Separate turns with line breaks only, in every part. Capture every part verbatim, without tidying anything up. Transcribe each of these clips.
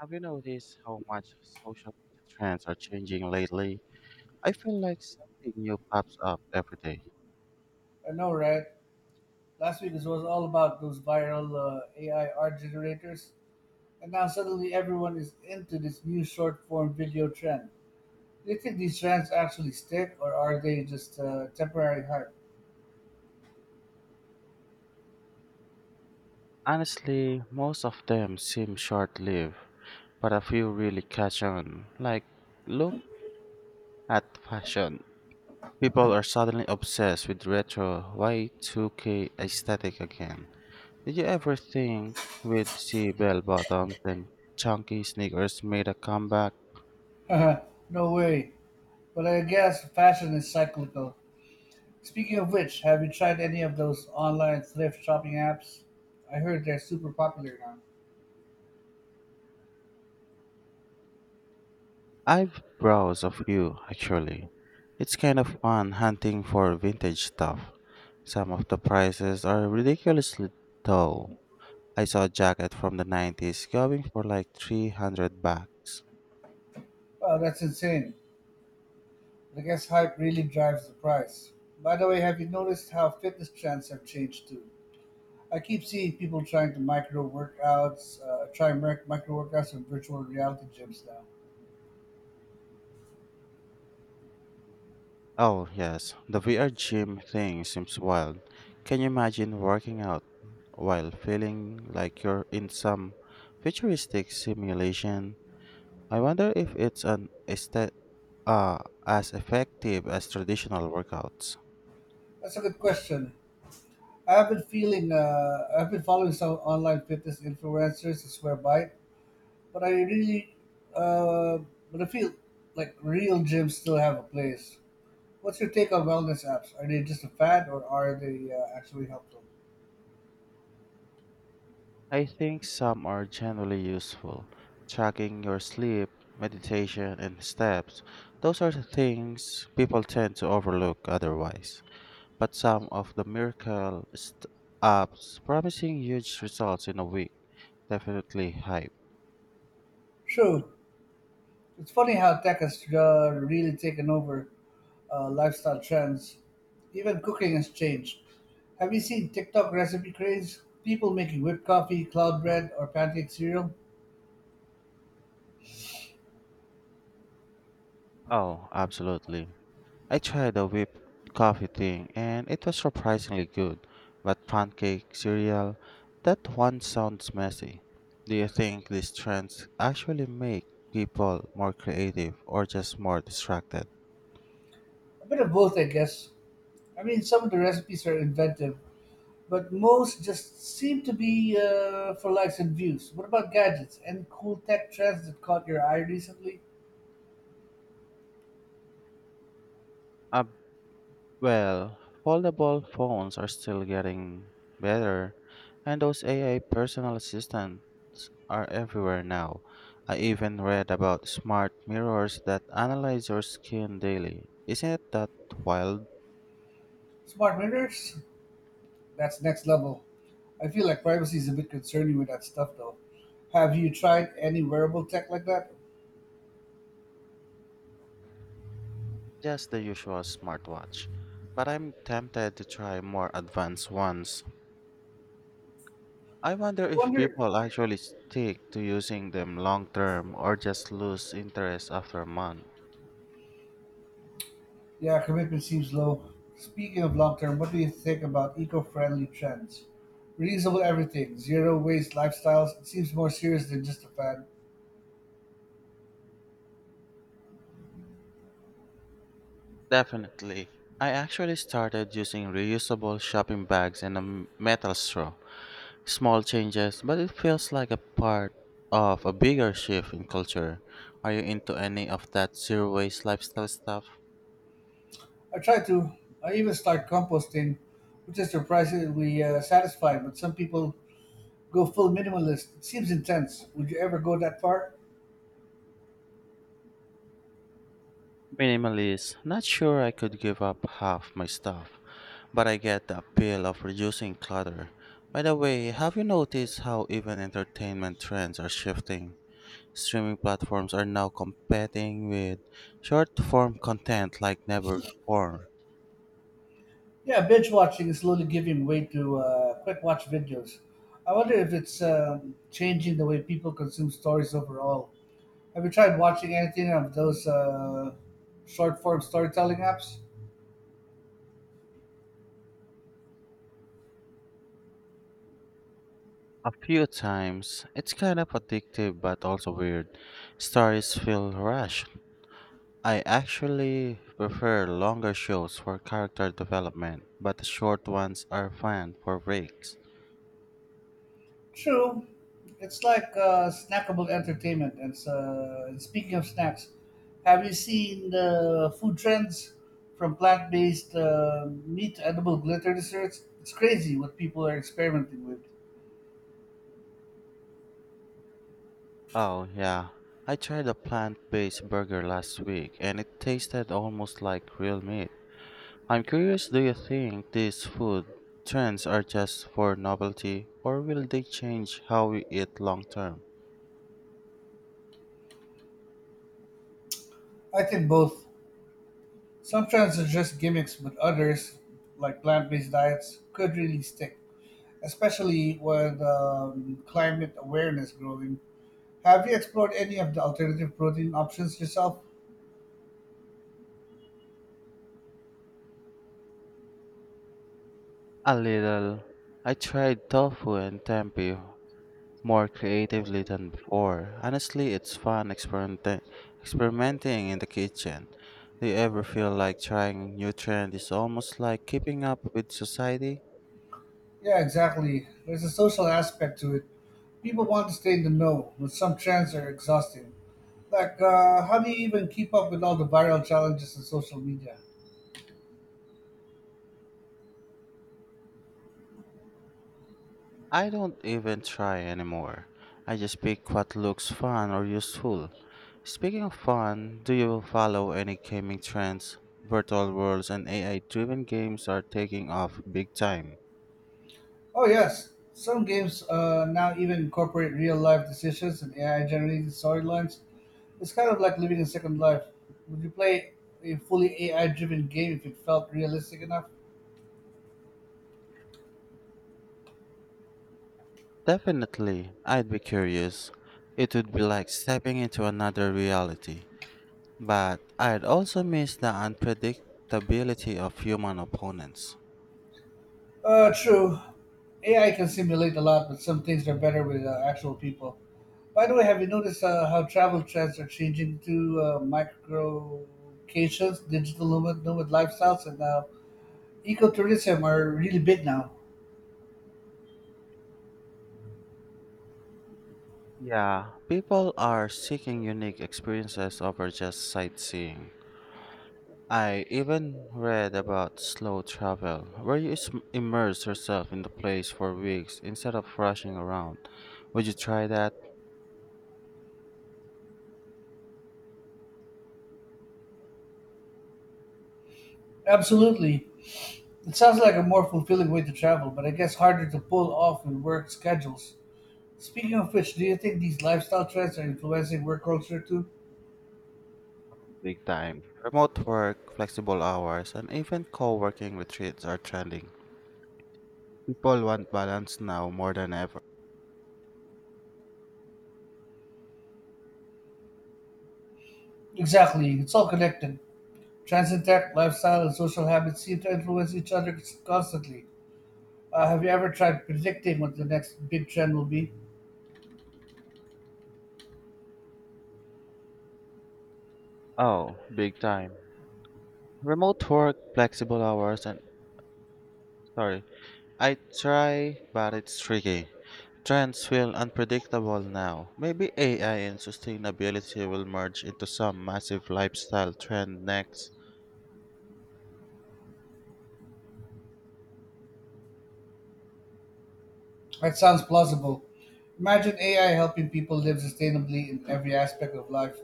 Have you noticed how much social media trends are changing lately? I feel like something new pops up every day.
I know, right? Last week it was all about those viral uh, A I art generators, and now suddenly everyone is into this new short form video trend. Do you think these trends actually stick, or are they just uh, temporary
Honestly, most of them seem short lived, but a few really catch on. Like, look at fashion. People are suddenly obsessed with retro Y two K aesthetic again. Did you ever think we'd see bell bottoms and chunky sneakers made a comeback?
hype? No way. But I guess fashion is cyclical. Speaking of which, have you tried any of those online thrift shopping apps? I heard they're super popular now.
I've browsed a few, actually. It's kind of fun hunting for vintage stuff. Some of the prices are ridiculously low. I saw a jacket from the nineties going for like three hundred bucks.
Wow, that's insane. I guess hype really drives the price. By the way, have you noticed how fitness trends have changed too? I keep seeing people trying to micro workouts, uh, try mic- micro workouts in virtual reality gyms now.
Oh, yes, the V R gym thing seems wild. Can you imagine working out while feeling like you're in some futuristic simulation? I wonder if it's an este- uh, as effective as traditional workouts.
That's a good question. I've been feeling, uh, I've been following some online fitness influencers, I swear by it, but I really, uh, but I feel like real gyms still have a place. What's your take on wellness apps? Are they just a fad or are they uh, actually helpful?
I think some are generally useful. Tracking your sleep, meditation, and steps. Those are the things people tend to overlook otherwise. But some of the miracle st- apps promising huge results in a week definitely hype.
True. It's funny how tech has uh, really taken over uh, lifestyle trends. Even cooking has changed. Have you seen TikTok recipe craze? People making whipped coffee, cloud bread, or pancake cereal?
Oh, absolutely. I tried the whipped coffee thing and it was surprisingly good, but pancake, cereal, that one sounds messy. Do you think these trends actually make people more creative or just more distracted?
A bit of both, I guess. I mean, some of the recipes are inventive, but most just seem to be uh, for likes and views. What about gadgets? Any cool tech trends that caught your eye recently?
Uh, well, Foldable phones are still getting better, and those A I personal assistants are everywhere now. I even read about smart mirrors that analyze your skin daily. Isn't it that wild?
Smart mirrors? That's next level. I feel like privacy is a bit concerning with that stuff though. Have you tried any wearable tech like that?
Just the usual smartwatch. But I'm tempted to try more advanced ones. I wonder
I
if
wonder.
people actually stick to using them long term or just lose interest after a month.
Yeah, commitment seems low. Speaking of long term, what do you think about eco friendly trends? Reusable everything, zero waste lifestyles, it seems more serious than just a fad.
Definitely. I actually started using reusable shopping bags and a m- metal straw. Small changes, but it feels like a part of a bigger shift in culture. Are you into any of that zero waste lifestyle stuff?
I try to. I even start composting, which is surprisingly uh, satisfying, but some people go full minimalist. It seems intense. Would you ever go that far?
Minimalist. Not sure I could give up half my stuff. But I get the appeal of reducing clutter. By the way, have you noticed how even entertainment trends are shifting? Streaming platforms are now competing with short form content like never before.
Yeah, binge watching is slowly giving way to uh, quick watch videos. I wonder if it's um, changing the way people consume stories overall. Have you tried watching anything of those uh, short form storytelling apps?
A few times, it's kind of addictive but also weird. Stories feel rushed. I actually prefer longer shows for character development, but the short ones are fun for breaks.
True, it's like uh, snackable entertainment. And uh, and speaking of snacks, have you seen the food trends from plant based uh, meat to edible glitter desserts? It's crazy what people are experimenting with.
Oh, yeah. I tried a plant-based burger last week and it tasted almost like real meat. I'm curious, do you think these food trends are just for novelty or will they change how we eat long term?
I think both. Some trends are just gimmicks, but others, like plant based diets, could really stick, especially with um, climate awareness growing. Have you explored any of the alternative protein options yourself?
A little. I tried tofu and tempeh more creatively than before. Honestly, it's fun experimenting experimenting in the kitchen. Do you ever feel like trying a new trend is almost like keeping up with society?
Yeah, exactly. There's a social aspect to it. People want to stay in the know, but some trends are exhausting. Like, uh, how do you even keep up with all the viral challenges on social media?
I don't even try anymore. I just pick what looks fun or useful. Speaking of fun, do you follow any gaming trends? Virtual worlds and A I driven games are taking off big time.
Oh yes, some games uh, now even incorporate real life decisions and A I generated storylines. It's kind of like living a second life. Would you play a fully A I driven game if it felt realistic enough?
Definitely, I'd be curious. It would be like stepping into another reality. But I'd also miss the unpredictability of human opponents.
Uh, true. A I can simulate a lot, but some things are better with uh, actual people. By the way, have you noticed uh, how travel trends are changing to uh, microcations, digital nomad, nomad lifestyles, and uh, ecotourism are really big now?
Yeah, people are seeking unique experiences over just sightseeing. I even read about slow travel, where you is- immerse yourself in the place for weeks instead of rushing around. Would you try that?
Absolutely. It sounds like a more fulfilling way to travel, but I guess harder to pull off with work schedules. Speaking of which, do you think these lifestyle trends are influencing work culture too?
Big time. Remote work, flexible hours, and even co working retreats are trending. People want balance now more than ever.
Exactly, it's all connected. Transit tech, lifestyle, and social habits seem to influence each other constantly. Uh, have you ever tried predicting what the next big trend will be?
Oh, big time. Remote work, flexible hours, and sorry, I try, but it's tricky. Trends feel unpredictable now. Maybe A I and sustainability will merge into some massive lifestyle trend next.
That sounds plausible. Imagine A I helping people live sustainably in every aspect of life,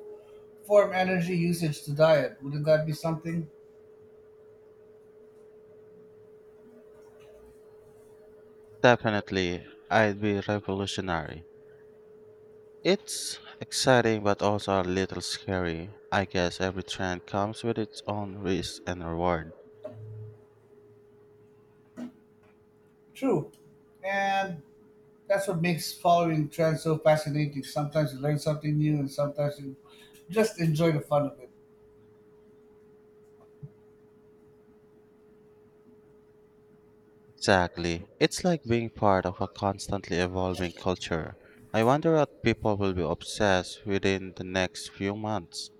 from energy usage to diet. Wouldn't that be something?
Definitely, I'd be revolutionary. It's exciting but also a little scary. I guess every trend comes with its own risk and reward.
True. And that's what makes following trends so fascinating. Sometimes you learn something new, and sometimes you just enjoy the fun of it.
Exactly. It's like being part of a constantly evolving culture. I wonder what people will be obsessed within the next few months.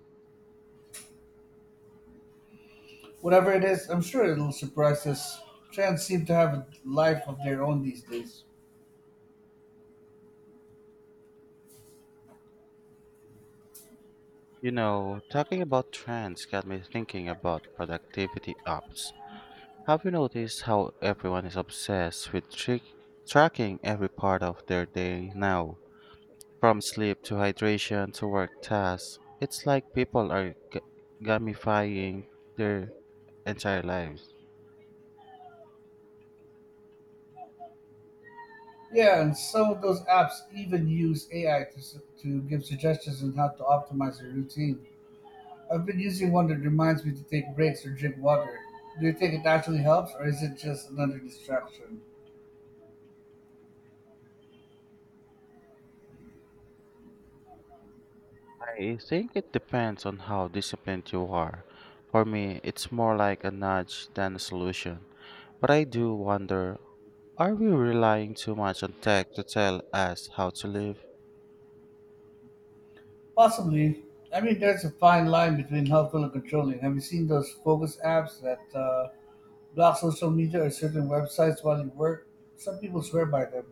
Whatever it is, I'm sure it'll surprise us. Trends seem to have a life of their own these days.
You know, talking about trends got me thinking about productivity apps. Have you noticed how everyone is obsessed with trick tracking every part of their day now? From sleep to hydration to work tasks, it's like people are g- gamifying their entire lives.
Yeah, and some of those apps even use A I to, s- to give suggestions on how to optimize your routine. I've been using one that reminds me to take breaks or drink water. Do you think it actually helps, or is it just another distraction?
I think it depends on how disciplined you are. For me, it's more like a nudge than a solution. But I do wonder, are we relying too much on tech to tell us how to live?
Possibly. I mean, there's a fine line between helpful and controlling. Have you seen those focus apps that uh, block social media or certain websites while you work? Some people swear by them.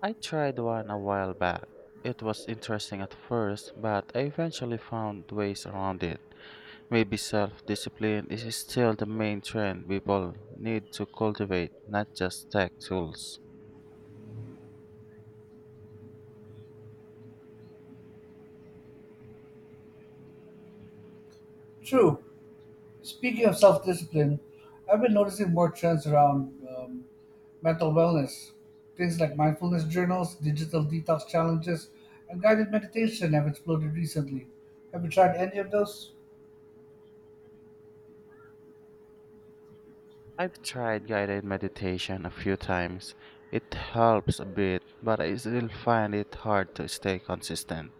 I tried one a while back. It was interesting at first, but I eventually found ways around it. Maybe self discipline is still the main trend people need to cultivate, not just tech tools.
True. Speaking of self discipline, I've been noticing more trends around um, mental wellness. Things like mindfulness journals, digital detox challenges, and guided meditation have exploded recently. Have you tried any of those?
I've tried guided meditation a few times. It helps a bit, but I still find it hard to stay consistent.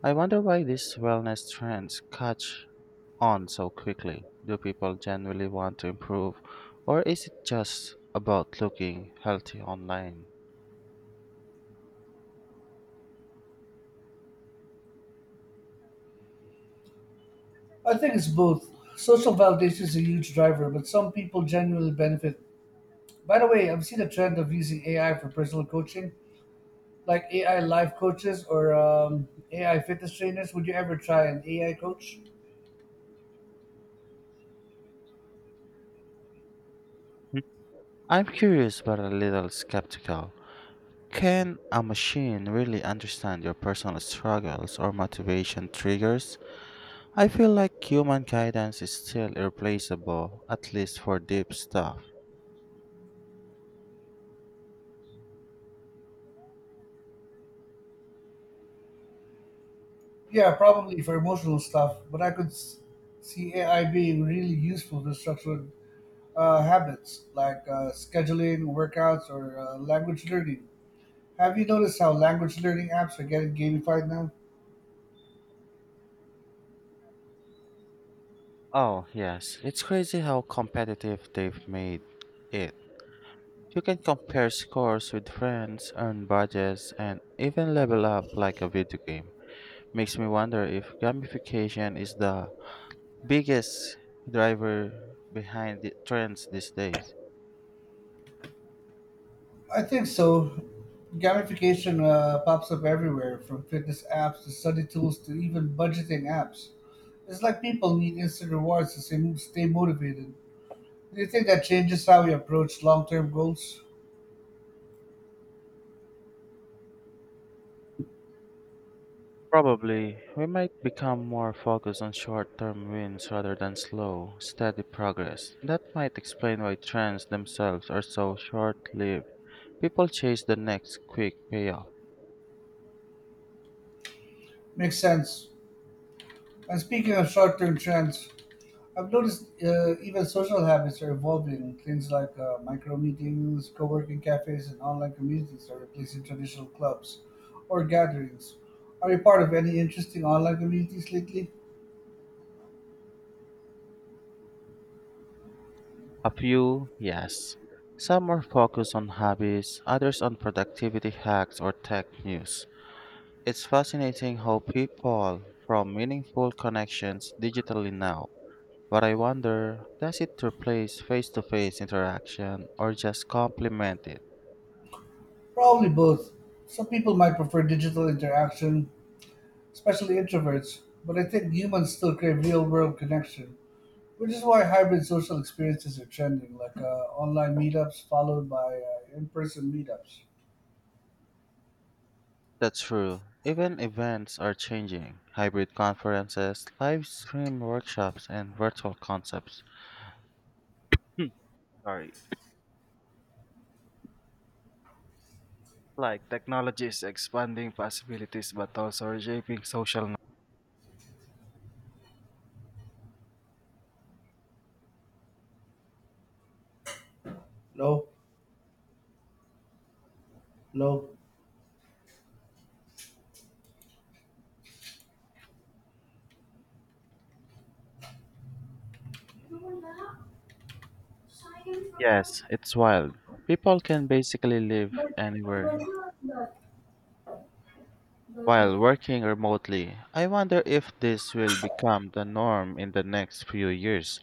I wonder why these wellness trends catch on so quickly? Do people genuinely want to improve, or is it just about looking healthy online?
I think it's both. Social validation is a huge driver, but some people genuinely benefit. By the way, I've seen a trend of using A I for personal coaching, like A I life coaches or um, A I fitness trainers. Would you ever try an A I coach?
Hmm. I'm curious but a little skeptical. Can a machine really understand your personal struggles or motivation triggers? I feel like human guidance is still irreplaceable, at least for deep stuff.
Yeah, probably for emotional stuff, but I could s- see A I being really useful for structured uh, habits like uh, scheduling, workouts, or uh, language learning. Have you noticed how language learning apps are getting gamified now?
Oh, yes, it's crazy how competitive they've made it. You can compare scores with friends, earn badges, and even level up like a video game. Makes me wonder if gamification is the biggest driver behind the trends these days.
I think so. Gamification uh, pops up everywhere, from fitness apps to study tools to even budgeting apps. It's like people need instant rewards to stay stay motivated. Do you think that changes how we approach long term goals?
Probably, we might become more focused on short term wins rather than slow, steady progress. That might explain why trends themselves are so short lived. People chase the next quick payoff.
Makes sense. And speaking of short term trends, I've noticed uh, even social habits are evolving. Things like uh, micro meetings, co working cafes, and online communities are replacing traditional clubs or gatherings. Are you part of any interesting online communities lately?
A few, yes. Some are focused on hobbies, others on productivity hacks or tech news. It's fascinating how people form meaningful connections digitally now. But I wonder, does it replace face to face interaction or just complement it?
Probably both. Some people might prefer digital interaction, especially introverts, but I think humans still crave real world connection, which is why hybrid social experiences are trending, like uh, online meetups followed by uh, in person meetups.
That's true. Even events are changing. Hybrid conferences, live stream workshops, and virtual concepts. Hmm, sorry. Like technology is expanding possibilities but also reshaping social.
No, no.
Yes, it's wild. People can basically live anywhere while working remotely. I wonder if this will become the norm in the next few years,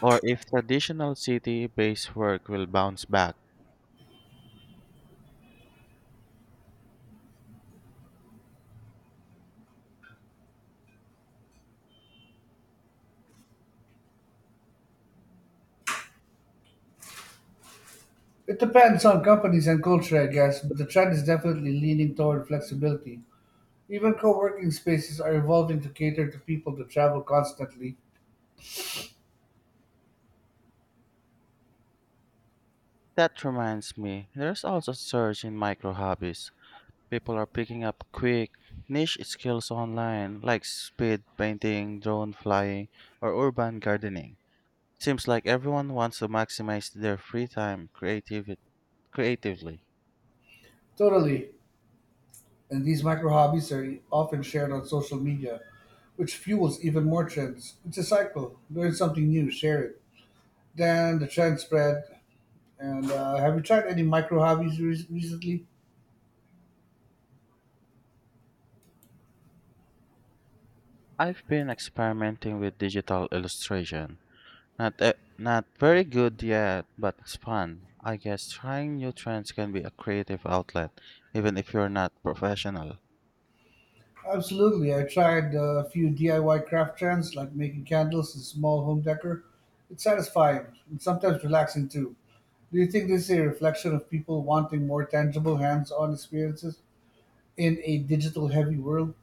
or if traditional city based work will bounce back.
It depends on companies and culture, I guess, but the trend is definitely leaning toward flexibility. Even co working spaces are evolving to cater to people that travel constantly.
That reminds me, there's also a surge in micro hobbies. People are picking up quick, niche skills online, like speed painting, drone flying, or urban gardening. Seems like everyone wants to maximize their free time creativ- creatively.
Totally. And these micro hobbies are often shared on social media, which fuels even more trends. It's a cycle. Learn something new, share it. Then the trend spread. And uh, have you tried any micro hobbies re- recently?
I've been experimenting with digital illustration. Not e- not very good yet, but it's fun. I guess trying new trends can be a creative outlet, even if you're not professional.
Absolutely. I tried uh, a few D I Y craft trends like making candles and small home decor. It's satisfying and sometimes relaxing too. Do you think this is a reflection of people wanting more tangible hands on experiences in a digital heavy world?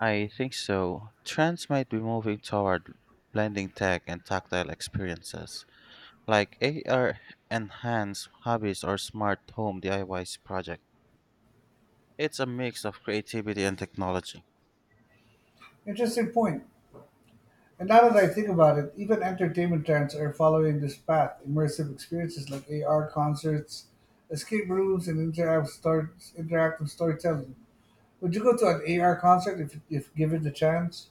I think so. Trends might be moving toward blending tech and tactile experiences, like A R enhanced hobbies or smart home D I Y project. It's a mix of creativity and technology.
Interesting point. And now that I think about it, even entertainment trends are following this path. Immersive experiences like A R concerts, escape rooms, and interactive, stor- interactive storytelling. Would you go to an A R concert if, if given the chance?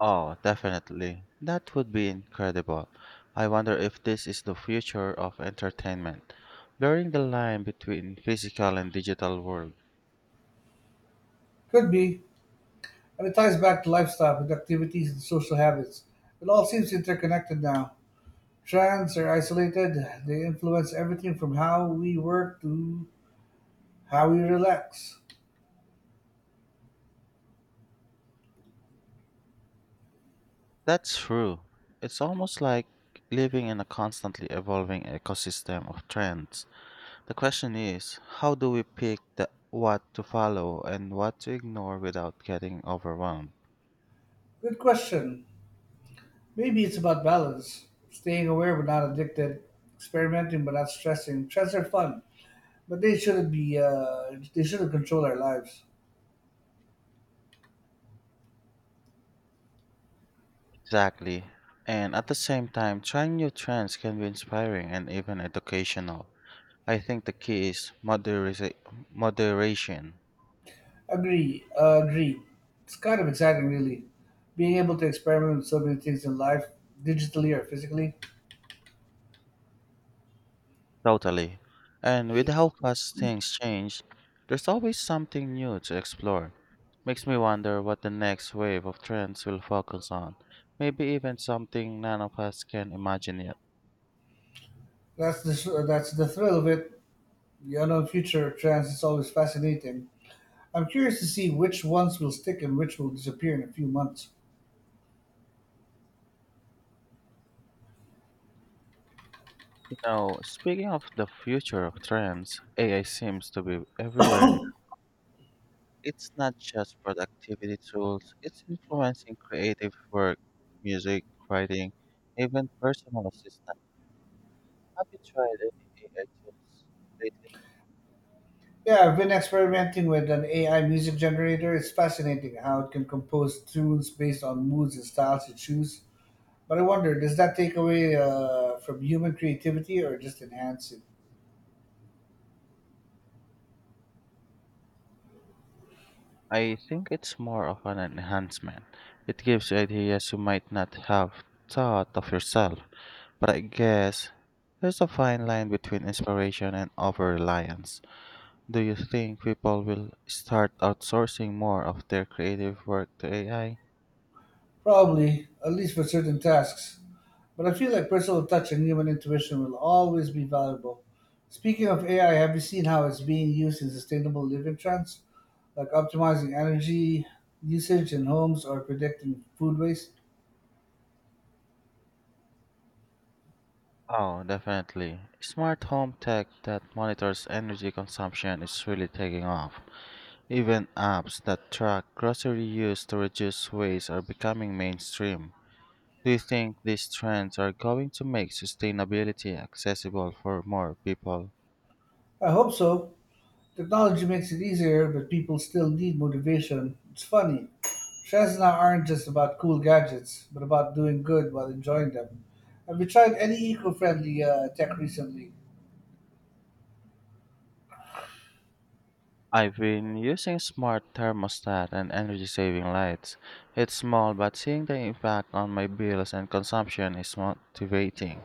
Oh, definitely. That would be incredible. I wonder if this is the future of entertainment, blurring the line between physical and digital world.
Could be. And it ties back to lifestyle, with activities, and social habits. It all seems interconnected now. Trends are isolated, they influence everything from how we work to how we relax.
That's true. It's almost like living in a constantly evolving ecosystem of trends. The question is, how do we pick the, what to follow and what to ignore without getting overwhelmed?
Good question. Maybe it's about balance, staying aware but not addicted, experimenting but not stressing. Stress are fun, but they shouldn't be. Uh, they shouldn't control our lives.
Exactly. And at the same time, trying new trends can be inspiring and even educational. I think the key is moderisa- moderation,
Agree. Uh, agree. It's kind of exciting, really, being able to experiment with so many things in life, digitally or physically.
totally. And with how fast things change, there's always something new to explore. Makes me wonder what the next wave of trends will focus on. Maybe even something none of us can imagine yet.
That's the that's the thrill of it. The unknown future of trends is always fascinating. I'm curious to see which ones will stick and which will disappear in a few months.
You know, speaking of the future of trends, A I seems to be everywhere now. It's not just productivity tools, it's influencing creative work, music, writing, even personal assistance. Have you tried any A I tools lately?
Yeah, I've been experimenting with an A I music generator. It's fascinating how it can compose tunes based on moods and styles you choose. But I wonder, does that take away uh, from human creativity or just enhance it?
I think it's more of an enhancement. It gives you ideas you might not have thought of yourself. But I guess there's a fine line between inspiration and over reliance. Do you think people will start outsourcing more of their creative work to A I?
Probably, at least for certain tasks. But I feel like personal touch and human intuition will always be valuable. Speaking of A I, have you seen how it's being used in sustainable living trends, like optimizing energy usage in homes or predicting food waste?
Oh, definitely. Smart home tech that monitors energy consumption is really taking off. Even apps that track grocery use to reduce waste are becoming mainstream. Do you think these trends are going to make sustainability accessible for more people?
I hope so. Technology makes it easier, but people still need motivation. It's funny. Trends now aren't just about cool gadgets, but about doing good while enjoying them. Have you tried any eco friendly uh, tech recently?
I've been using smart thermostat and energy saving lights. It's small, but seeing the impact on my bills and consumption is motivating.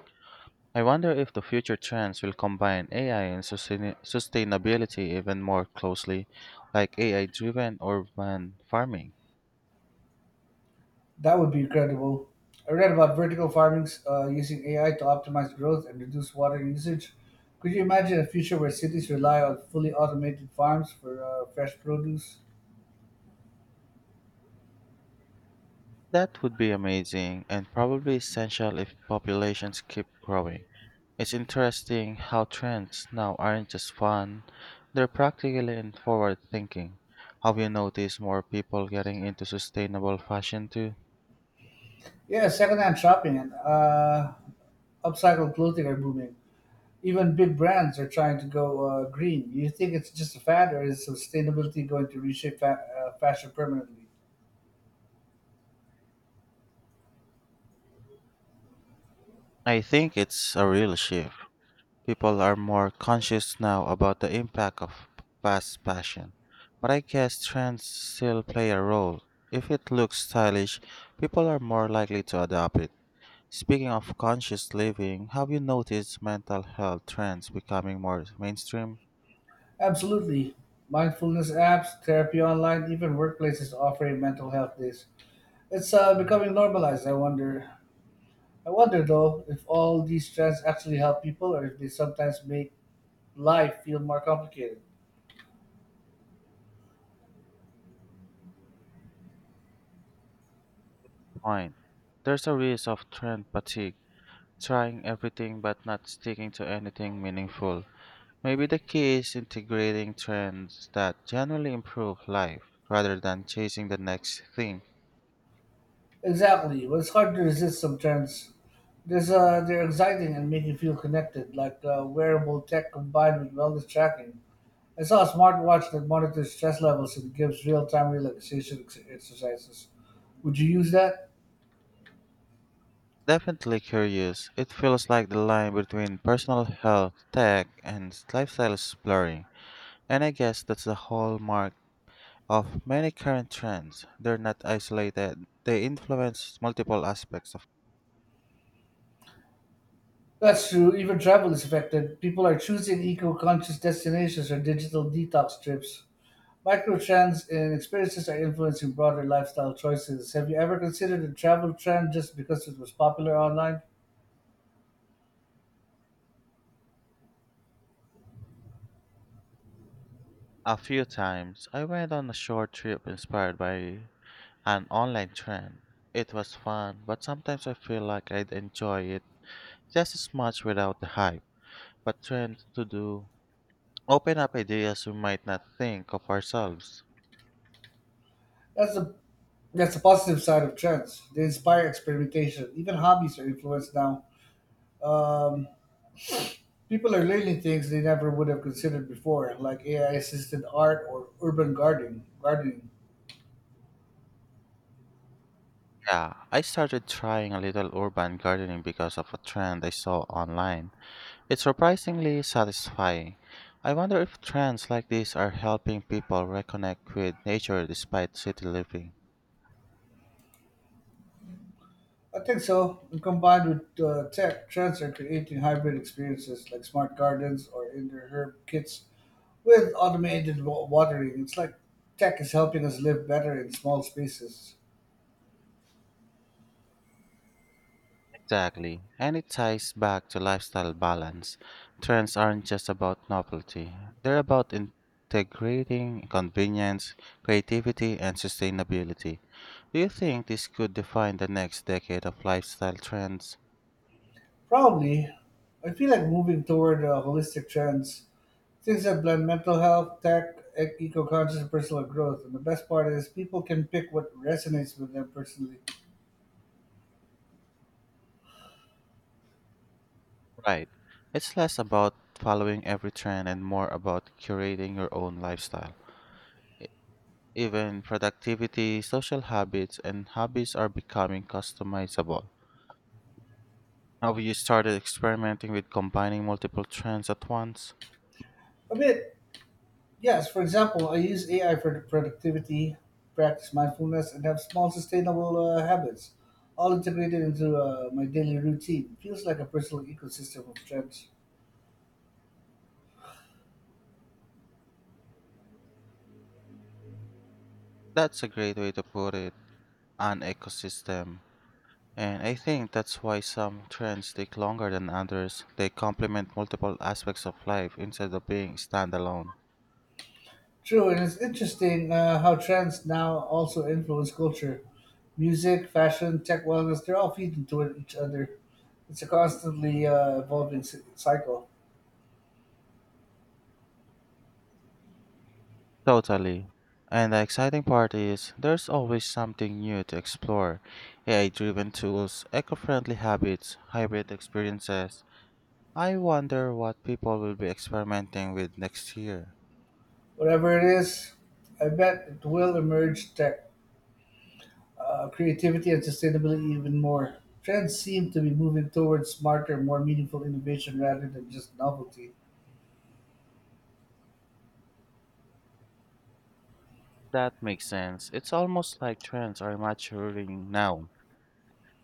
I wonder if the future trends will combine A I and sustain- sustainability even more closely, like A I driven urban farming.
That would be incredible. I read about vertical farming uh, using A I to optimize growth and reduce water usage. Could you imagine a future where cities rely on fully automated farms for uh, fresh produce?
That would be amazing and probably essential if populations keep growing. It's interesting how trends now aren't just fun, they're practical and forward thinking. Have you noticed more people getting into sustainable fashion too?
Yeah, secondhand shopping and uh, upcycled clothing are booming. Even big brands are trying to go uh, green. You think it's just a fad, or is sustainability going to reshape fa- uh, fashion permanently?
I think it's a real shift. People are more conscious now about the impact of fast fashion. But I guess trends still play a role. If it looks stylish, people are more likely to adopt it. Speaking of conscious living, have you noticed mental health trends becoming more mainstream?
Absolutely. Mindfulness apps, therapy online, even workplaces offering mental health days. It's uh, becoming normalized. I wonder. I wonder though if all these trends actually help people, or if they sometimes make life feel more complicated.
Fine. There's a risk of trend fatigue, trying everything but not sticking to anything meaningful. Maybe the key is integrating trends that generally improve life rather than chasing the next thing.
Exactly. Well, it's hard to resist some trends. There's uh, They're exciting and make you feel connected, like uh, wearable tech combined with wellness tracking. I saw a smartwatch that monitors stress levels and gives real-time relaxation ex- exercises. Would you use that?
Definitely curious. It feels like the line between personal health, tech, and lifestyle is blurring. And I guess that's the hallmark of many current trends, they're not isolated, they influence multiple aspects of.
That's true. Even travel is affected. People are choosing eco-conscious destinations or digital detox trips. Micro trends and experiences are influencing broader lifestyle choices. Have you ever considered a travel trend just because it was popular online?
A few times, I went on a short trip inspired by an online trend. It was fun, but sometimes I feel like I'd enjoy it just as much without the hype. But trends to do open up ideas we might not think of ourselves.
That's the that's the positive side of trends. They inspire experimentation. Even hobbies are influenced now. Um, People are learning things they never would have considered before, like A I assisted art or urban gardening. Gardening,
Yeah, I started trying a little urban gardening because of a trend I saw online. It's surprisingly satisfying. I wonder if trends like these are helping people reconnect with nature despite city living.
I think so. And combined with uh, tech, trends are creating hybrid experiences like smart gardens or indoor herb kits with automated wa- watering. It's like tech is helping us live better in small spaces.
Exactly. And it ties back to lifestyle balance. Trends aren't just about novelty, they're about integrating convenience, creativity, and sustainability. Do you think this could define the next decade of lifestyle trends?
Probably. I feel like moving toward uh, holistic trends, things that blend mental health, tech, eco conscious, and personal growth. And the best part is people can pick what resonates with them personally.
Right. It's less about following every trend and more about curating your own lifestyle. Even productivity, social habits, and hobbies are becoming customizable. Have you started experimenting with combining multiple trends at once?
A bit, yes. For example, I use A I for productivity, practice mindfulness, and have small sustainable uh, habits, all integrated into uh, my daily routine. Feels like a personal ecosystem of trends.
That's a great way to put it, an ecosystem. And I think that's why some trends take longer than others. They complement multiple aspects of life instead of being standalone.
True, and it's interesting uh, how trends now also influence culture. Music, fashion, tech, wellness, they're all feeding to each other. It's a constantly uh, evolving c- cycle.
Totally. And the exciting part is there's always something new to explore: A I driven tools, eco friendly habits, hybrid experiences. I wonder what people will be experimenting with next year.
Whatever it is, I bet it will emerge tech, uh, creativity, and sustainability even more. Trends seem to be moving towards smarter, more meaningful innovation rather than just novelty.
That makes sense. It's almost like trends are maturing now.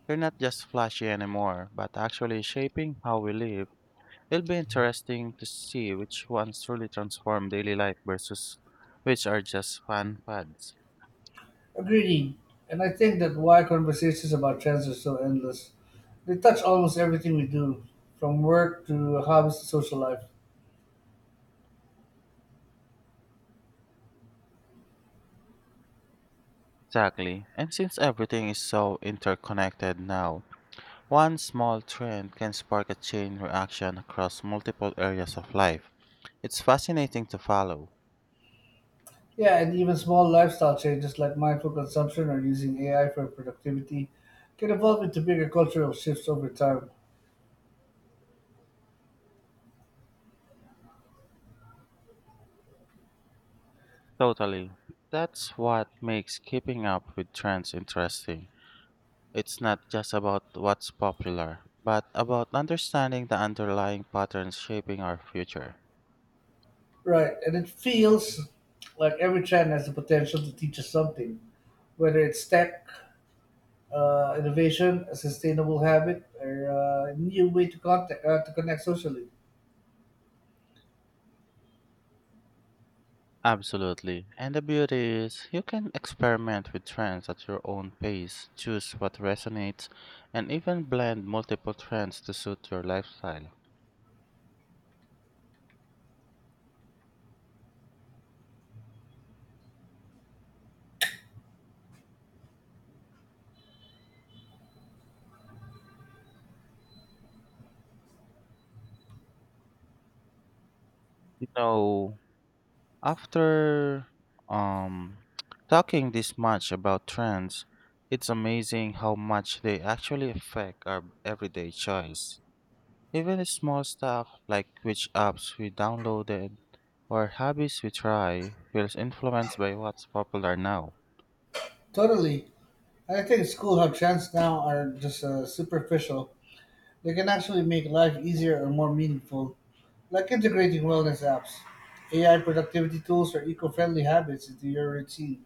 They're not just flashy anymore, but actually shaping how we live. It'll be interesting to see which ones truly transform daily life versus which are just fun fads.
Agreed. And I think that why conversations about trends are so endless. They touch almost everything we do, from work to hobbies to social life.
Exactly. And since everything is so interconnected now, one small trend can spark a chain reaction across multiple areas of life. It's fascinating to follow.
Yeah, and even small lifestyle changes like mindful consumption or using A I for productivity can evolve into bigger cultural shifts over time.
Totally. That's what makes keeping up with trends interesting. It's not just about what's popular, but about understanding the underlying patterns shaping our future.
Right, and it feels like every trend has the potential to teach us something, whether it's tech, uh, innovation, a sustainable habit, or uh, a new way to, contact, uh, to connect socially.
Absolutely. And the beauty is, you can experiment with trends at your own pace, choose what resonates, and even blend multiple trends to suit your lifestyle. You know, after um, talking this much about trends, it's amazing how much they actually affect our everyday choice. Even small stuff like which apps we downloaded or hobbies we try feels influenced by what's popular now.
Totally. I think it's cool how trends now are just uh, superficial. They can actually make life easier or more meaningful, like integrating wellness apps, A I productivity tools, or eco friendly habits into your routine.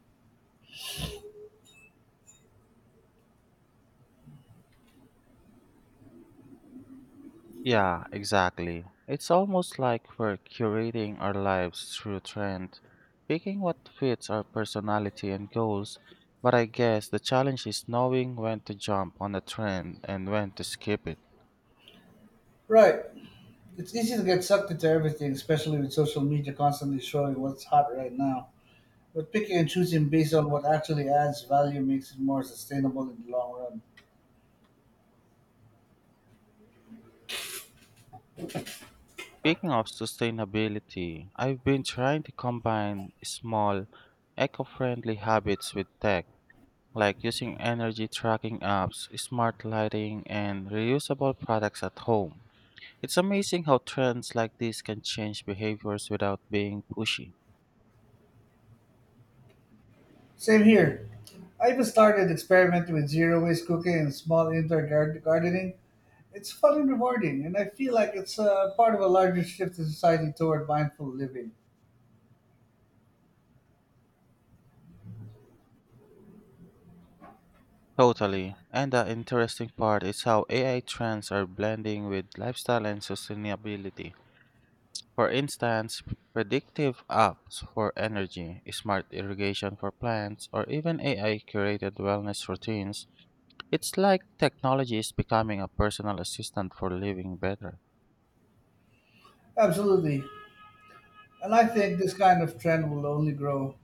Yeah, exactly. It's almost like we're curating our lives through trend, picking what fits our personality and goals. But I guess the challenge is knowing when to jump on a trend and when to skip it.
Right. It's easy to get sucked into everything, especially with social media constantly showing what's hot right now. But picking and choosing based on what actually adds value makes it more sustainable in the long run.
Speaking of sustainability, I've been trying to combine small, eco friendly habits with tech, like using energy tracking apps, smart lighting, and reusable products at home. It's amazing how trends like this can change behaviors without being pushy.
Same here. I even started experimenting with zero waste cooking and small indoor gar- gardening. It's fun and rewarding, and I feel like it's uh, part of a larger shift in society toward mindful living.
Totally. And the interesting part is how A I trends are blending with lifestyle and sustainability. For instance, predictive apps for energy, smart irrigation for plants, or even A I curated wellness routines. It's like technology is becoming a personal assistant for living better.
Absolutely. And I think this kind of trend will only grow.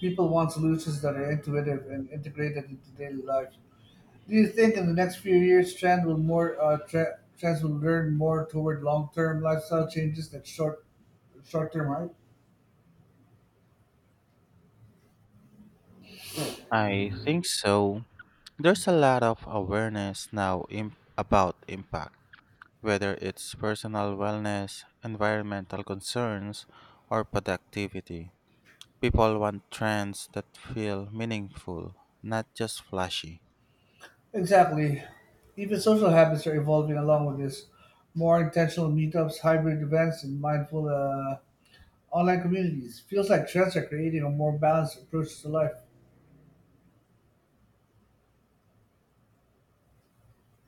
People want solutions that are intuitive and integrated into daily life. Do you think in the next few years, trend will more uh, tra- trends will learn more toward long-term lifestyle changes than short short-term hype?
I think so. There's a lot of awareness now im- about impact, whether it's personal wellness, environmental concerns, or productivity. People want trends that feel meaningful, not just flashy.
Exactly. Even social habits are evolving along with this. More intentional meetups, hybrid events, and mindful uh, online communities. Feels like trends are creating a more balanced approach to life.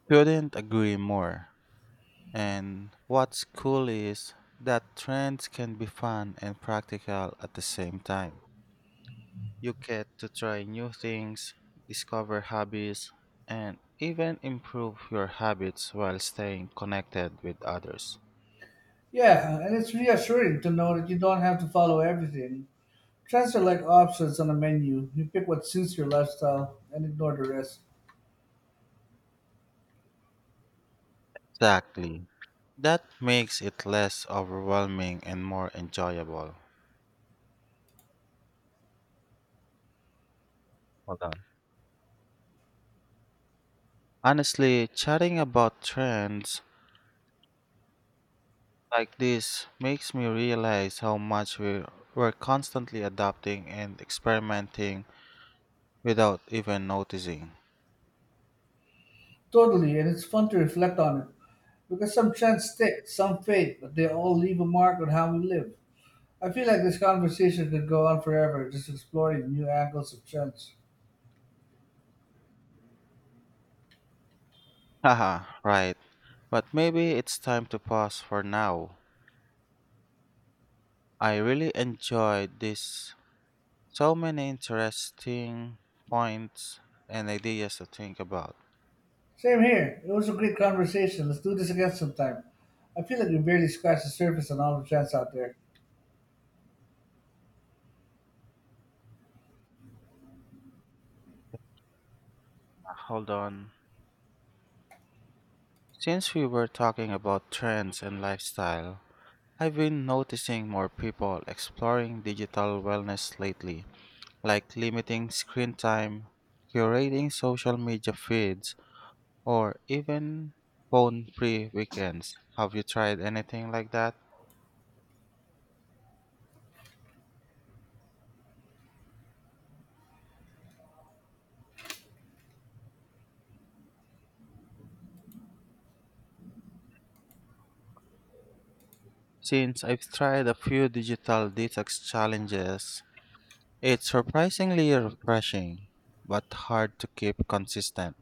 Couldn't agree more. And what's cool is that trends can be fun and practical at the same time. You get to try new things, discover hobbies, and even improve your habits while staying connected with others.
Yeah, and it's reassuring to know that you don't have to follow everything. Trends are like options on a menu. You pick what suits your lifestyle and ignore the rest.
Exactly. That makes it less overwhelming and more enjoyable. Hold on. Honestly, chatting about trends like this makes me realize how much we we're constantly adapting and experimenting without even noticing.
Totally, and it's fun to reflect on it. Because some trends stick, some fade, but they all leave a mark on how we live. I feel like this conversation could go on forever, just exploring new angles of trends.
Haha, right. But maybe it's time to pause for now. I really enjoyed this. So many interesting points and ideas to think about.
Same here. It was a great conversation. Let's do this again sometime. I feel like we barely scratched the surface on all the trends out there.
Uh, Hold on. Since we were talking about trends and lifestyle, I've been noticing more people exploring digital wellness lately, like limiting screen time, curating social media feeds, or even phone free weekends. Have you tried anything like that? Since I've tried a few digital detox challenges, it's surprisingly refreshing, but hard to keep consistent.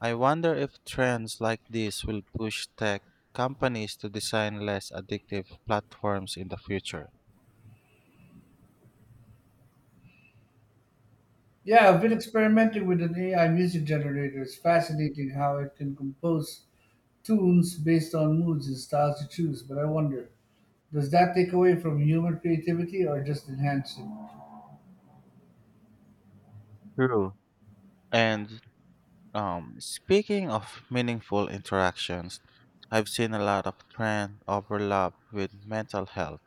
I wonder if trends like this will push tech companies to design less addictive platforms in the future.
Yeah, I've been experimenting with an A I music generator. It's fascinating how it can compose tunes based on moods and styles you choose, but I wonder, does that take away from human creativity or just enhance it?
True. And um, speaking of meaningful interactions, I've seen a lot of trend overlap with mental health.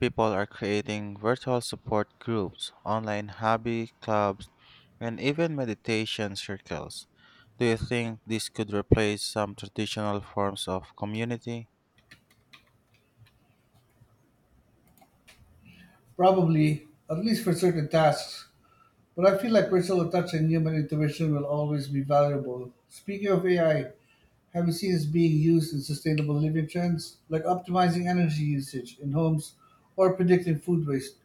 People are creating virtual support groups, online hobby clubs, and even meditation circles. Do you think this could replace some traditional forms of community?
Probably, at least for certain tasks. But I feel like personal touch and human intervention will always be valuable. Speaking of A I, have you seen it's being used in sustainable living trends, like optimizing energy usage in homes or predicting food waste?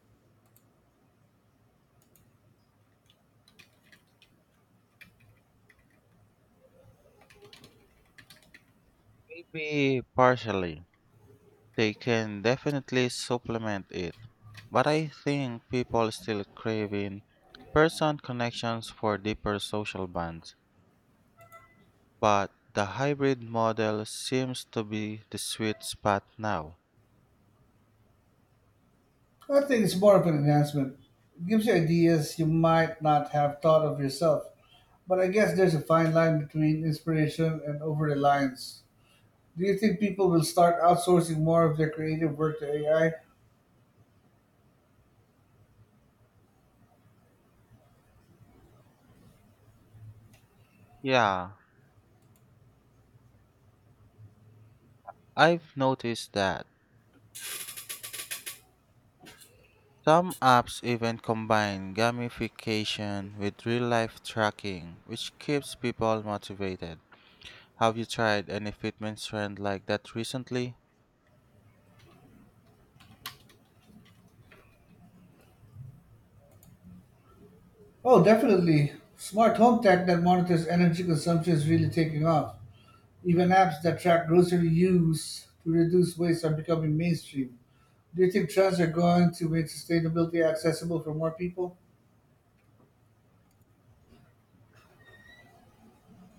Maybe partially, they can definitely supplement it, but I think people still crave in person connections for deeper social bonds. But the hybrid model seems to be the sweet spot now.
I think it's more of an enhancement. It gives you ideas you might not have thought of yourself. But I guess there's a fine line between inspiration and over reliance. Do you think people will start outsourcing more of their creative work to A I?
Yeah, I've noticed that. Some apps even combine gamification with real life tracking, which keeps people motivated. Have you tried any fitness trend like that recently?
Oh, definitely. Smart home tech that monitors energy consumption is really taking off. Even apps that track grocery use to reduce waste are becoming mainstream. Do you think trends are going to make sustainability accessible for more people?